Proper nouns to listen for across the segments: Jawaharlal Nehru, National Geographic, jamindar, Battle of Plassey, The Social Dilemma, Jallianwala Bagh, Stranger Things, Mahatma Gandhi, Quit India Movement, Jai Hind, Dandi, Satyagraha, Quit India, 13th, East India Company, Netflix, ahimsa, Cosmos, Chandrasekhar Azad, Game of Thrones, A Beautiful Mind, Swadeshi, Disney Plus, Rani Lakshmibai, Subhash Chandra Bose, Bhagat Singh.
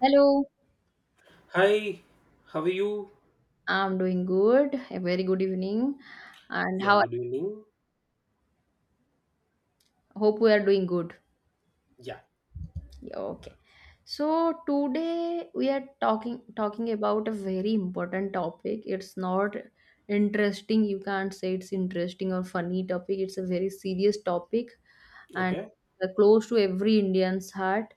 Hello. Hi, how are you? I'm doing good. A very good evening, and Yeah, how good evening. hope we are doing good. Yeah, Yeah. Okay. So today we are talking about a very important topic. It's not interesting. You can't say it's interesting or funny topic. It's a very serious topic, and okay. Close to every Indian's heart.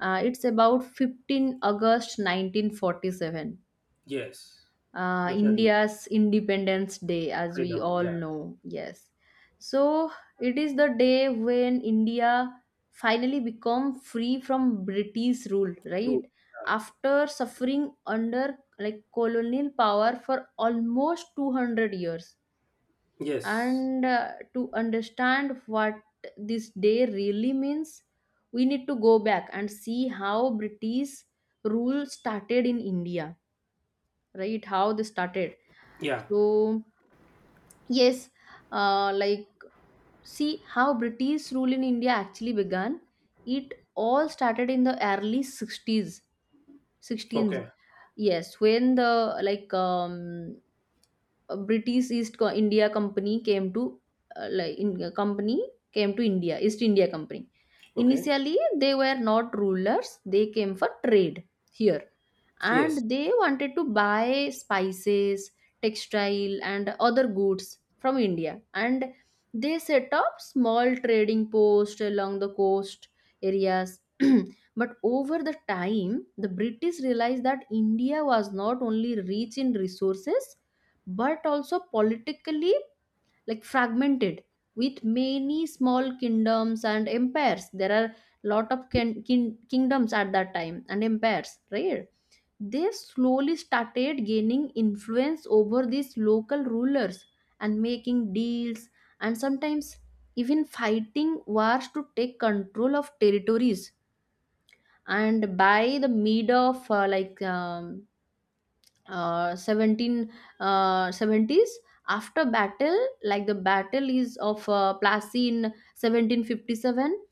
It's about 15 August 1947. Yes, definitely. India's Independence Day, as we Freedom. all Yeah, know. Yes. So it is the day when India finally become free from British rule, true. right? Yeah. After suffering under like colonial power for almost 200 years. Yes. And to understand what this day really means, we need to go back and see how British rule started in India, right? How they started? Yeah. So yes, like, see how British rule in India actually began. It all started in the early 60s, 16s, Okay. yes, when the, like um, a British East India Company came to, company came to India, East India Company. Okay. Initially, they were not rulers. They came for trade here, and Yes. they wanted to buy spices, textile, and other goods from India, and they set up small trading posts along the coast areas. But over the time, the British realized that India was not only rich in resources but also politically, like, fragmented, with many small kingdoms and empires. There are lot of kingdoms at that time and empires, right? They slowly started gaining influence over these local rulers and making deals, and sometimes even fighting wars to take control of territories. And by the mid of 17, 70s, after battle like the battle is of plassey in 1757.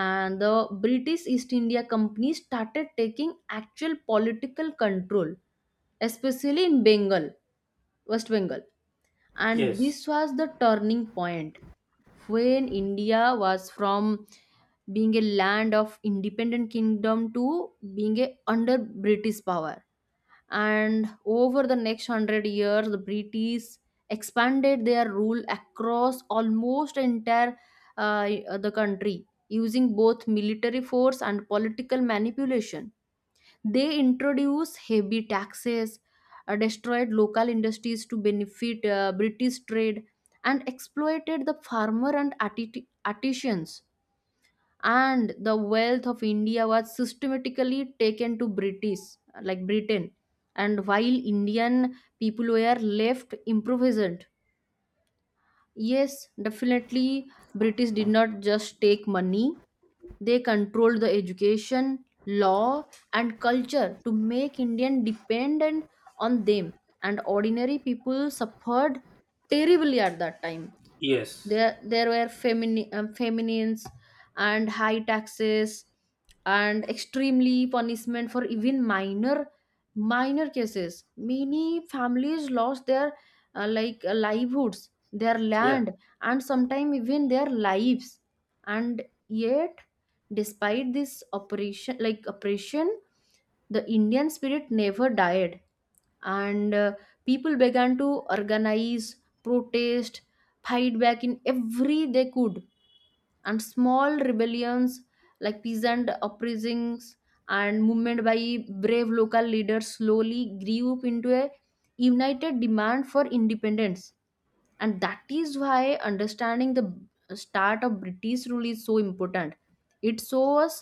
And the British East India Company started taking actual political control, especially in Bengal, West Bengal. And Yes. this was the turning point when India was from being a land of independent kingdom to being a under British power. And over the next 100 years, the British expanded their rule across almost entire the country using both military force and political manipulation. They introduced heavy taxes, destroyed local industries to benefit British trade, and exploited the farmer and artisans. And the wealth of India was systematically taken to British, like Britain. And while Indian people were left impoverished. Yes, definitely. British did not just take money, they controlled the education, law, and culture to make Indian dependent on them. And ordinary people suffered terribly at that time. Yes. There were feminines and high taxes and extremely punishment for even minor cases. Many families lost their livelihoods, their Yeah. land, and sometimes even their lives. And yet, despite this operation, like oppression, the Indian spirit never died. And people began to organize, protest, fight back in every they could. And small rebellions, like peasant uprisings and movement by brave local leaders, slowly grew up into a united demand for independence. And that is why understanding the start of British rule is so important. It shows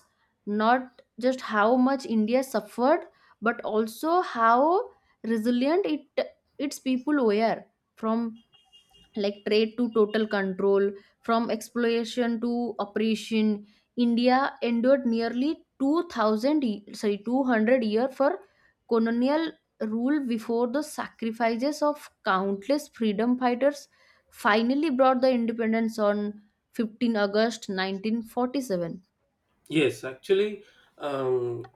not just how much India suffered, but also how resilient it its people were. From, like, trade to total control, from exploitation to oppression, India endured nearly 2000 sorry, 200 year for colonial rule before the sacrifices of countless freedom fighters finally brought the independence on 15 August 1947. Yes, actually, um,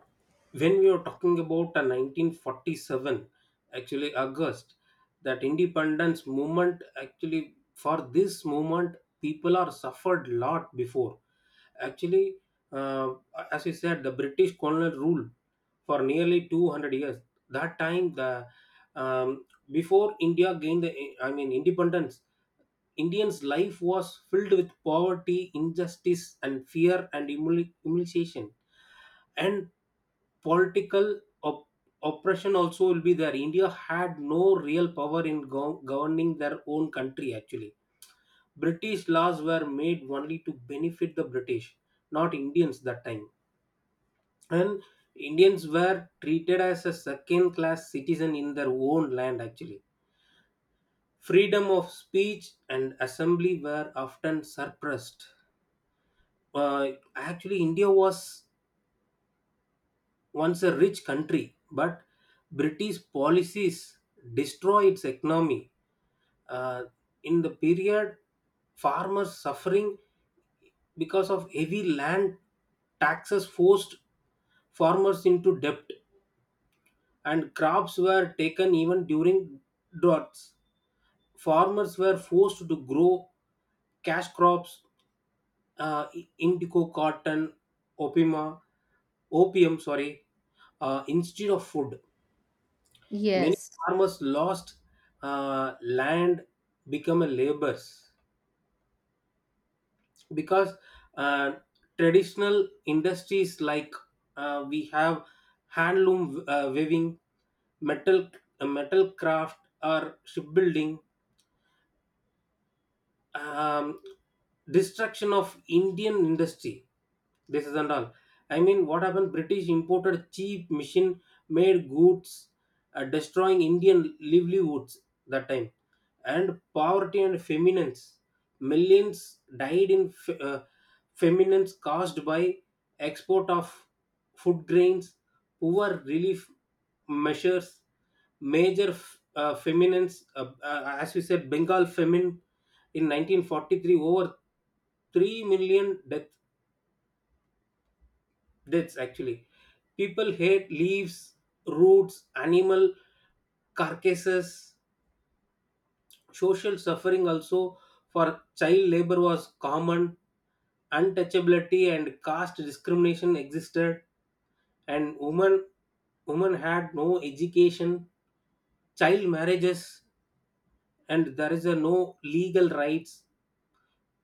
when we are talking about a 1947, actually August, that independence movement, actually for this movement, people are suffered lot before. Actually, uh, as you said, the British colonial rule for nearly 200 years. That time, the um, before India gained the I mean independence, Indians' life was filled with poverty, injustice, and fear and humiliation. And political op- oppression also will be there. India had no real power in governing their own country, actually. British laws were made only to benefit the British, not Indians that time. And Indians were treated as a second class citizen in their own land, actually. Freedom of speech and assembly were often suppressed. Actually india was once a rich country but british policies destroy its economy uh, in the period farmers suffering because of heavy land taxes forced farmers into debt and crops were taken even during droughts. Farmers were forced to grow cash crops, uh, indigo, cotton, opium opium, sorry, instead of food. Many Yes. farmers lost land, become a labors, because uh, traditional industries like, we have handloom, weaving, metal, metal craft or shipbuilding. um, Destruction of Indian industry. This is and all. I mean, what happened? British imported cheap machine-made goods, destroying Indian livelihoods that time, and poverty and famines. Millions died in famines caused by export of food grains, poor relief measures, major feminines, as we said, Bengal famine in 1943, over 3 million deaths, actually. People hate leaves, roots, animal carcasses. Social suffering also for child labor was common, untouchability and caste discrimination existed, and women had no education, child marriages, and there is a no legal rights.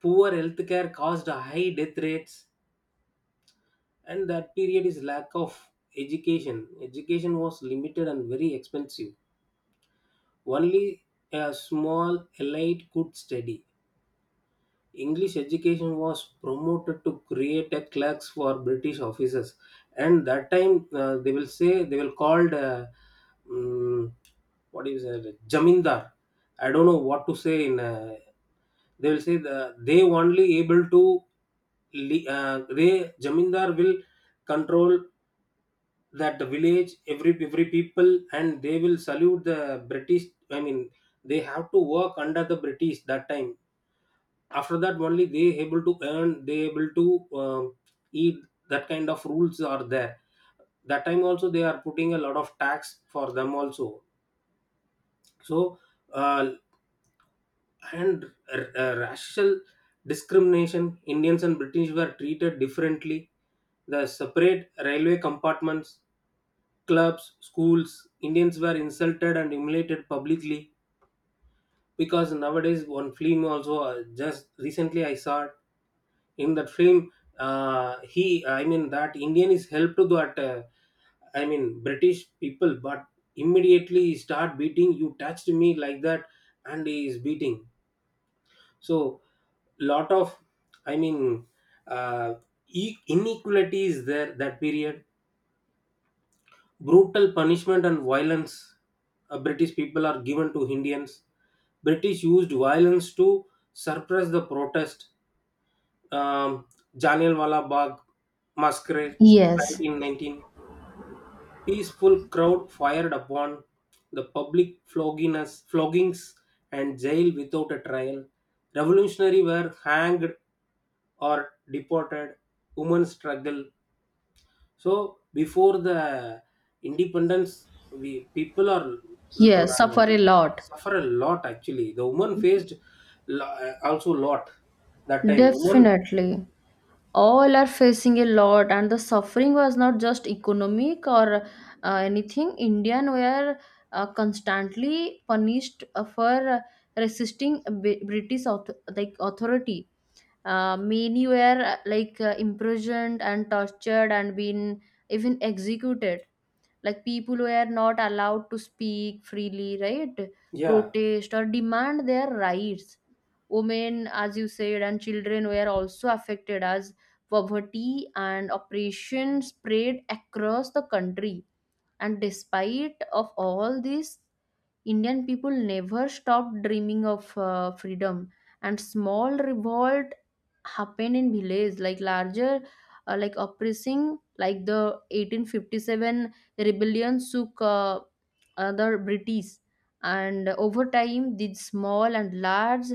Poor healthcare caused high death rates, and that period is lack of education. Education was limited and very expensive. Only a small elite could study. English education was promoted to create a clerks for british officers. And that time, they will say, they will called, mm, what is it, jamindar, I don't know what to say in, they will say the, they only able to they jamindar will control that the village, every people, and they will salute the british. I mean, they have to work under the british that time. After that only they able to earn, they able to, um, eat. That kind of rules are there. That time also they are putting a lot of tax for them also. So, uh, and racial discrimination, indians and british were treated differently, the separate railway compartments, clubs, schools. Indians were insulted and humiliated publicly, because nowadays one film also, just recently I saw it. In that film, he I mean that indian is helped to that, I mean british people, but immediately he start beating, you touched me, like that, and he is beating. So lot of, I mean, uh, inequality is there that period. Brutal punishment and violence, british people are given to indians. British used violence to suppress the protest. um, Jallianwala Bagh massacre Yes. 1919, peaceful crowd fired upon, the public flogging floggings and jail without a trial, revolutionary were hanged or deported. Women struggle, so before the independence we people are Yes, suffer a lot. suffer a lot. Actually the woman faced also lot that time woman. Definitely. All are facing a lot, and the suffering was not just economic or anything. Indian were constantly punished for resisting British like authority. Many were imprisoned and tortured and been even executed. Like, people were not allowed to speak freely, right? Yeah. Protest or demand their rights. Women, as you said, and children were also affected as poverty and oppression spread across the country. And despite of all this, Indian people never stopped dreaming of freedom. And small revolt happened in villages, like larger, like, oppressing, like the 1857 rebellion took other British. And over time, these small and large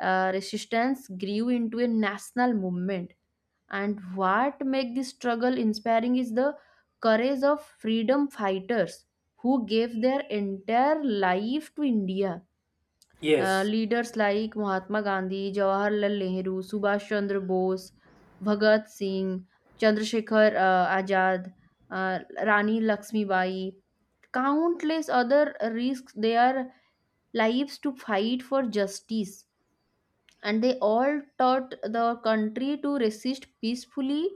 resistance grew into a national movement. And what make this struggle inspiring is the courage of freedom fighters who gave their entire life to India. Yes. Leaders like Mahatma Gandhi, Jawaharlal Nehru, Subhash Chandra Bose, Bhagat Singh, Chandrasekhar Azad, uh, Rani Lakshmibai, countless other, risked their lives to fight for justice. And they all taught the country to resist peacefully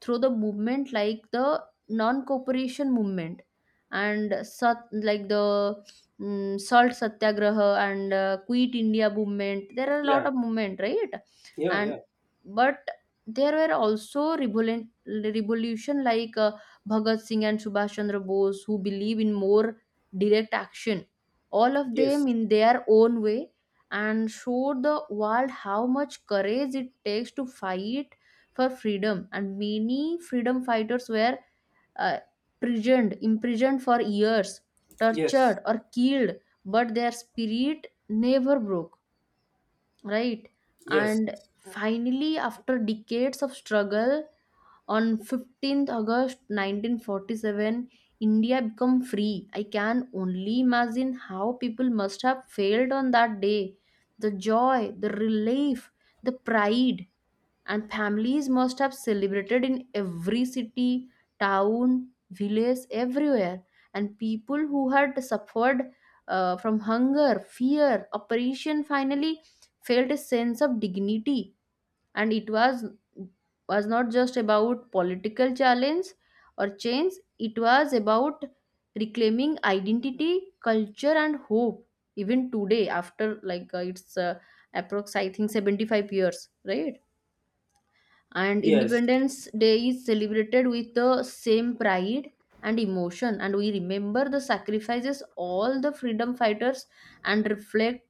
through the movement like the non-cooperation movement and sat, like the mm, salt satyagraha, and quit India movement. There are a lot Yeah, of movement, right? yeah. And Yeah. but there were also revolution, like Bhagat Singh and Subhash Chandra Bose, who believe in more direct action, all of Yes. them in their own way, and showed the world how much courage it takes to fight for freedom. And many freedom fighters were uh, imprisoned for years, Yes. tortured or killed, but their spirit never broke, right? Yes. And finally, after decades of struggle, on 15th August 1947, India become free. I can only imagine how people must have failed on that day. The joy, the relief, the pride, and families must have celebrated in every city, town, village, everywhere. And people who had suffered from hunger, fear, oppression, finally felt a sense of dignity. And it was not just about political challenge or change. It was about reclaiming identity, culture, and hope. Even today, after like it's approx I think 75 years, right? And Yes. Independence Day is celebrated with the same pride and emotion, and we remember the sacrifices all the freedom fighters and reflect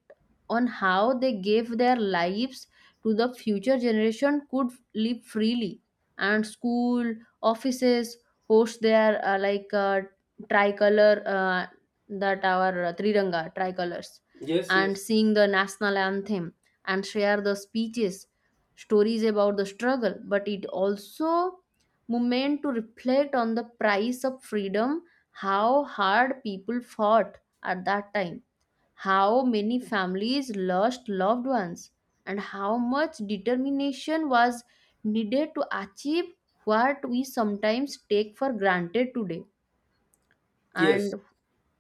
on how they gave their lives to the future generation could live freely. And school offices host their tricolor, that our triranga tricolors, Yes. and Yes. sing the national anthem and share the speeches, stories about the struggle. But it also moment to reflect on the price of freedom, how hard people fought at that time, how many families lost loved ones, and how much determination was needed to achieve what we sometimes take for granted today. And Yes.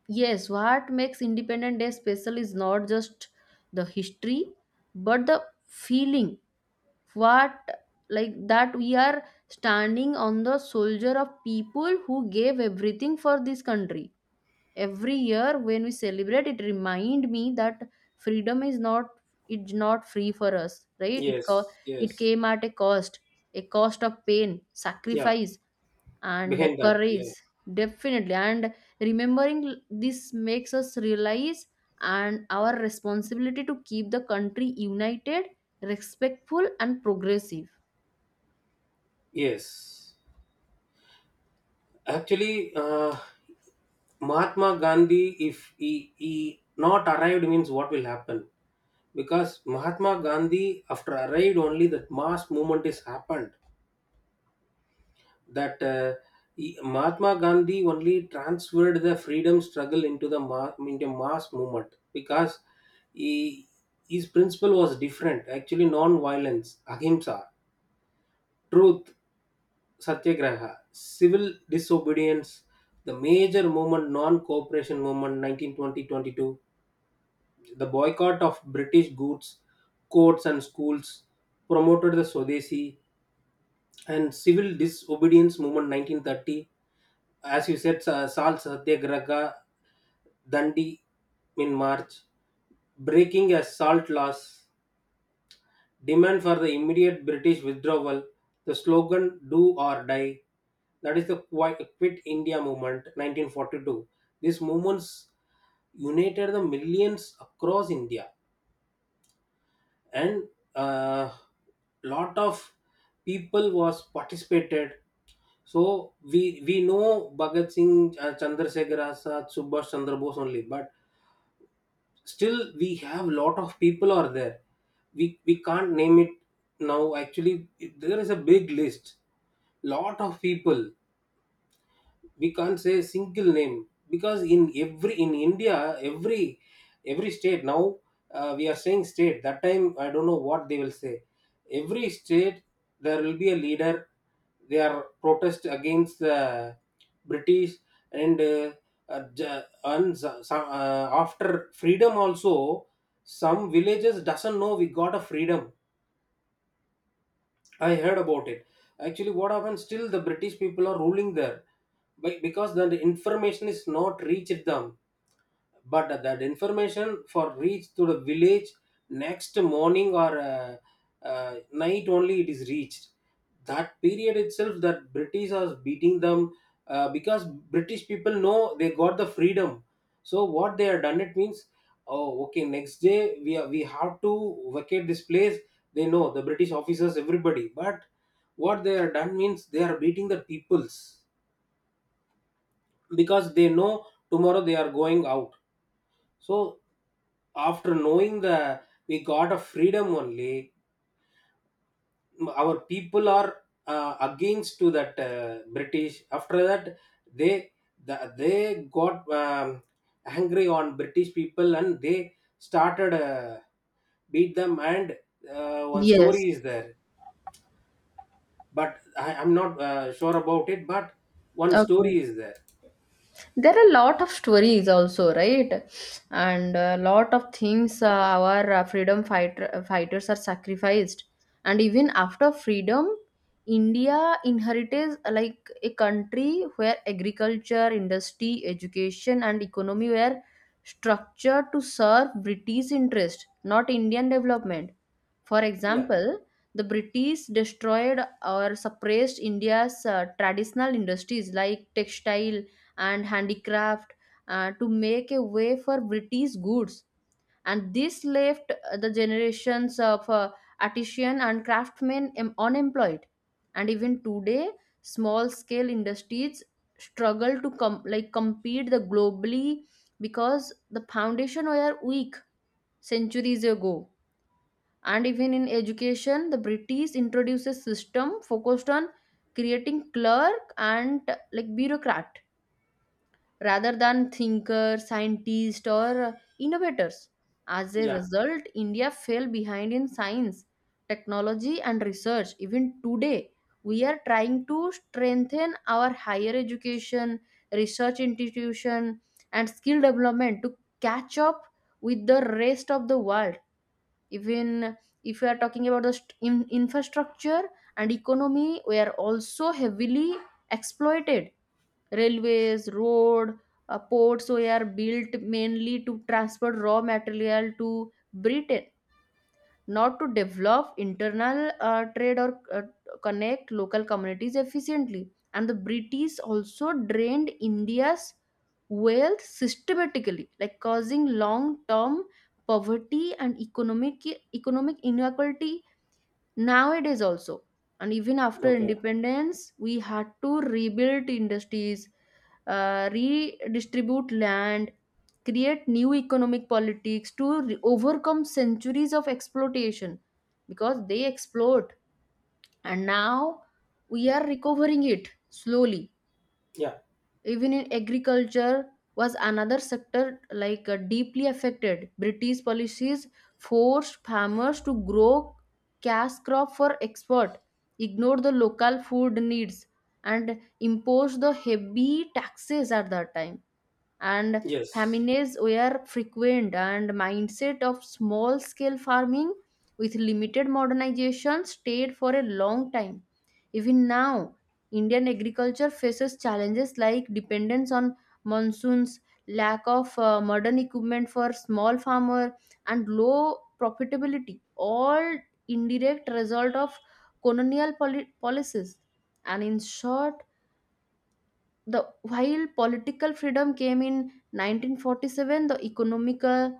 yes, what makes Independent Day special is not just the history, but the feeling. What, like that, we are standing on the soldier of people who gave everything for this country. Every year, when we celebrate, it remind me that freedom is not, it's not free for us, right? It Yes. Yes. came at a cost of pain, Yeah, sacrifice, and behind that. courage. Yeah. Definitely. And remembering this makes us realize and our responsibility to keep the country united, respectful, and progressive. Yes. Actually, Mahatma Gandhi, if he, he not arrived, means what will happen? Because Mahatma Gandhi, after arrived, only that mass movement is happened. That Mahatma Gandhi only transferred the freedom struggle into into mass movement, because he, his principle was different. Actually, non-violence, ahimsa, truth, Satyagraha, civil disobedience, the major movement, non-cooperation movement, 1920-22, the boycott of British goods, courts and schools, promoted the Swadeshi, and civil disobedience movement, 1930. As you said, Salt Satyagraha, Dandi in March, breaking as salt laws, demand for the immediate British withdrawal, the slogan Do or Die, that is the Quit India movement 1942. These movements united the millions across India, and a lot of people was participated. So we know Bhagat Singh, Chandrasekhar Azad, Subhash Chandra Bose only, but still we have lot of people are there. We can't name it now. Actually there is a big list, lot of people. We can't say single name, because in every, in india, every state now, we are saying state, that time I don't know what they will say. Every state there will be a leader, they are protest against the british. And and after freedom also, some villages doesn't know we got a freedom. I heard about it. Actually, what happened? Still, the British people are ruling there, but because the information is not reached them, but that information for reach to the village next morning or, night only it is reached. That period itself that british was beating them, because british people know they got the freedom. So what they have done it means, oh okay next day we are, we have to vacate this place. They know the british officers everybody, but what they are done means they are beating the peoples, because they know tomorrow they are going out. So, after knowing the, we got a freedom only, our people are, against to that, British. After that, they the, they got angry on British people, and they started beat them. And one story Yes. is there, but I'm not sure about it. But one Okay. story is there. There are a lot of stories also, right? And a lot of things, our freedom fighters are sacrificed. And even after freedom, India inherited like a country where agriculture, industry, education, and economy were structured to serve British interest, not Indian development. For Yeah, example, the British destroyed or suppressed India's traditional industries like textile and handicraft to make a way for British goods. And this left the generations of artisans and craftsmen unemployed. And even today, small-scale industries struggle to like compete the globally, because the foundation were weak centuries ago. And even in education, the British introduced a system focused on creating clerk and like bureaucrat, rather than thinkers, scientists, or innovators. As a yeah, result, India fell behind in science, technology, and research. Even today, we are trying to strengthen our higher education, research institution, and skill development to catch up with the rest of the world. Even if we are talking about the infrastructure and economy, we are also heavily exploited. Railways, road, ports were built mainly to transport raw material to Britain, not to develop internal trade or connect local communities efficiently. And the British also drained India's wealth systematically, like causing long term poverty and economic inequality nowadays also. And even after okay, independence, we had to rebuild industries, redistribute land, create new economic politics to overcome centuries of exploitation, because they exploit. And now we are recovering it slowly. yeah, Even in agriculture was another sector, like, deeply affected. British policies forced farmers to grow cash crop for export, ignored the local food needs, and imposed the heavy taxes at that time. And yes. famines were frequent, and mindset of small scale farming with limited modernization stayed for a long time. Even now, Indian agriculture faces challenges like dependence on monsoons, lack of modern equipment for small farmer, and low profitability, all indirect result of colonial policies. And in short, the while political freedom came in 1947, the economical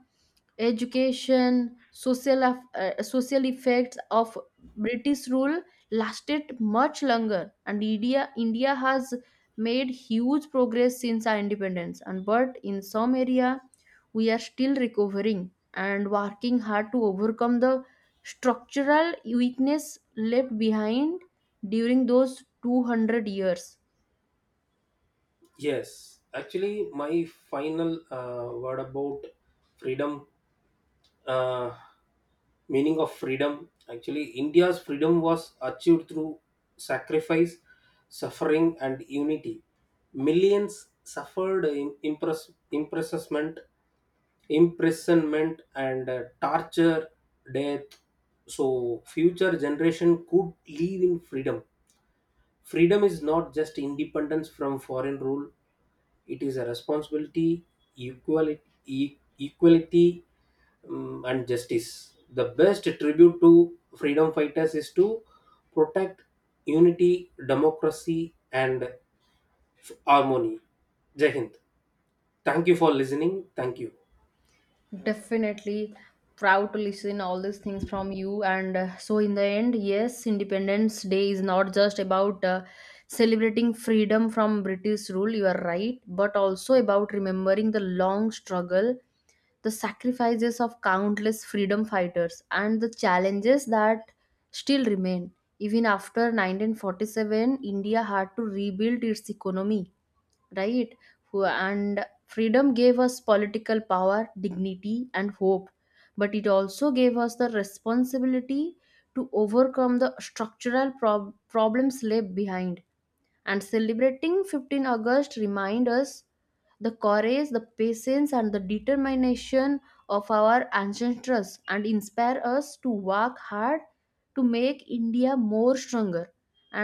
education social social effects of British rule lasted much longer. And India has made huge progress since our independence, and but in some area we are still recovering and working hard to overcome the structural weakness left behind during those 200 years. Yes, actually, my final word about freedom, uh, meaning of freedom. Actually, India's freedom was achieved through sacrifice, suffering, and unity. Millions suffered in impressment, imprisonment, and torture, death, so future generation could live in freedom. Freedom is not just independence from foreign rule, it is a responsibility, equality and justice. The best tribute to freedom fighters is to protect unity, democracy, and harmony. Jai Hind. Thank you for listening. Thank you. Definitely, proud to listen all these things from you. And so in the end, yes, Independence Day is not just about celebrating freedom from British rule, you are right, but also about remembering the long struggle, the sacrifices of countless freedom fighters, and the challenges that still remain. Even after 1947, India had to rebuild its economy, right? And freedom gave us political power, dignity, and hope. But it also gave us the responsibility to overcome the structural problems left behind. And celebrating 15 august reminds us the courage, the patience, and the determination of our ancestors and inspire us to work hard to make India more stronger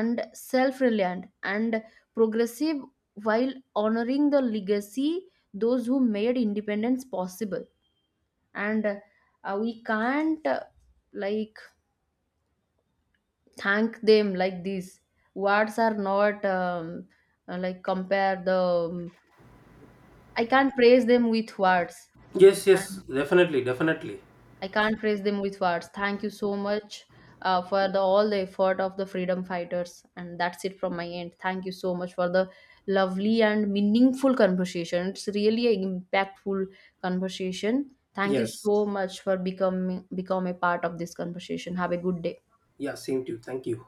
and self-reliant and progressive, while honoring the legacy those who made independence possible. And we can't, like, thank them like this. Words are not like compare the, um, I can't praise them with words. Yes, yes, And definitely, definitely. I can't praise them with words. Thank you so much, for the all the effort of the freedom fighters. And that's it from my end. Thank you so much for the lovely and meaningful conversation. It's really an impactful conversation. Thank you Yes. so much for becoming become a part of this conversation. Have a good day. Yeah, same to you. Thank you.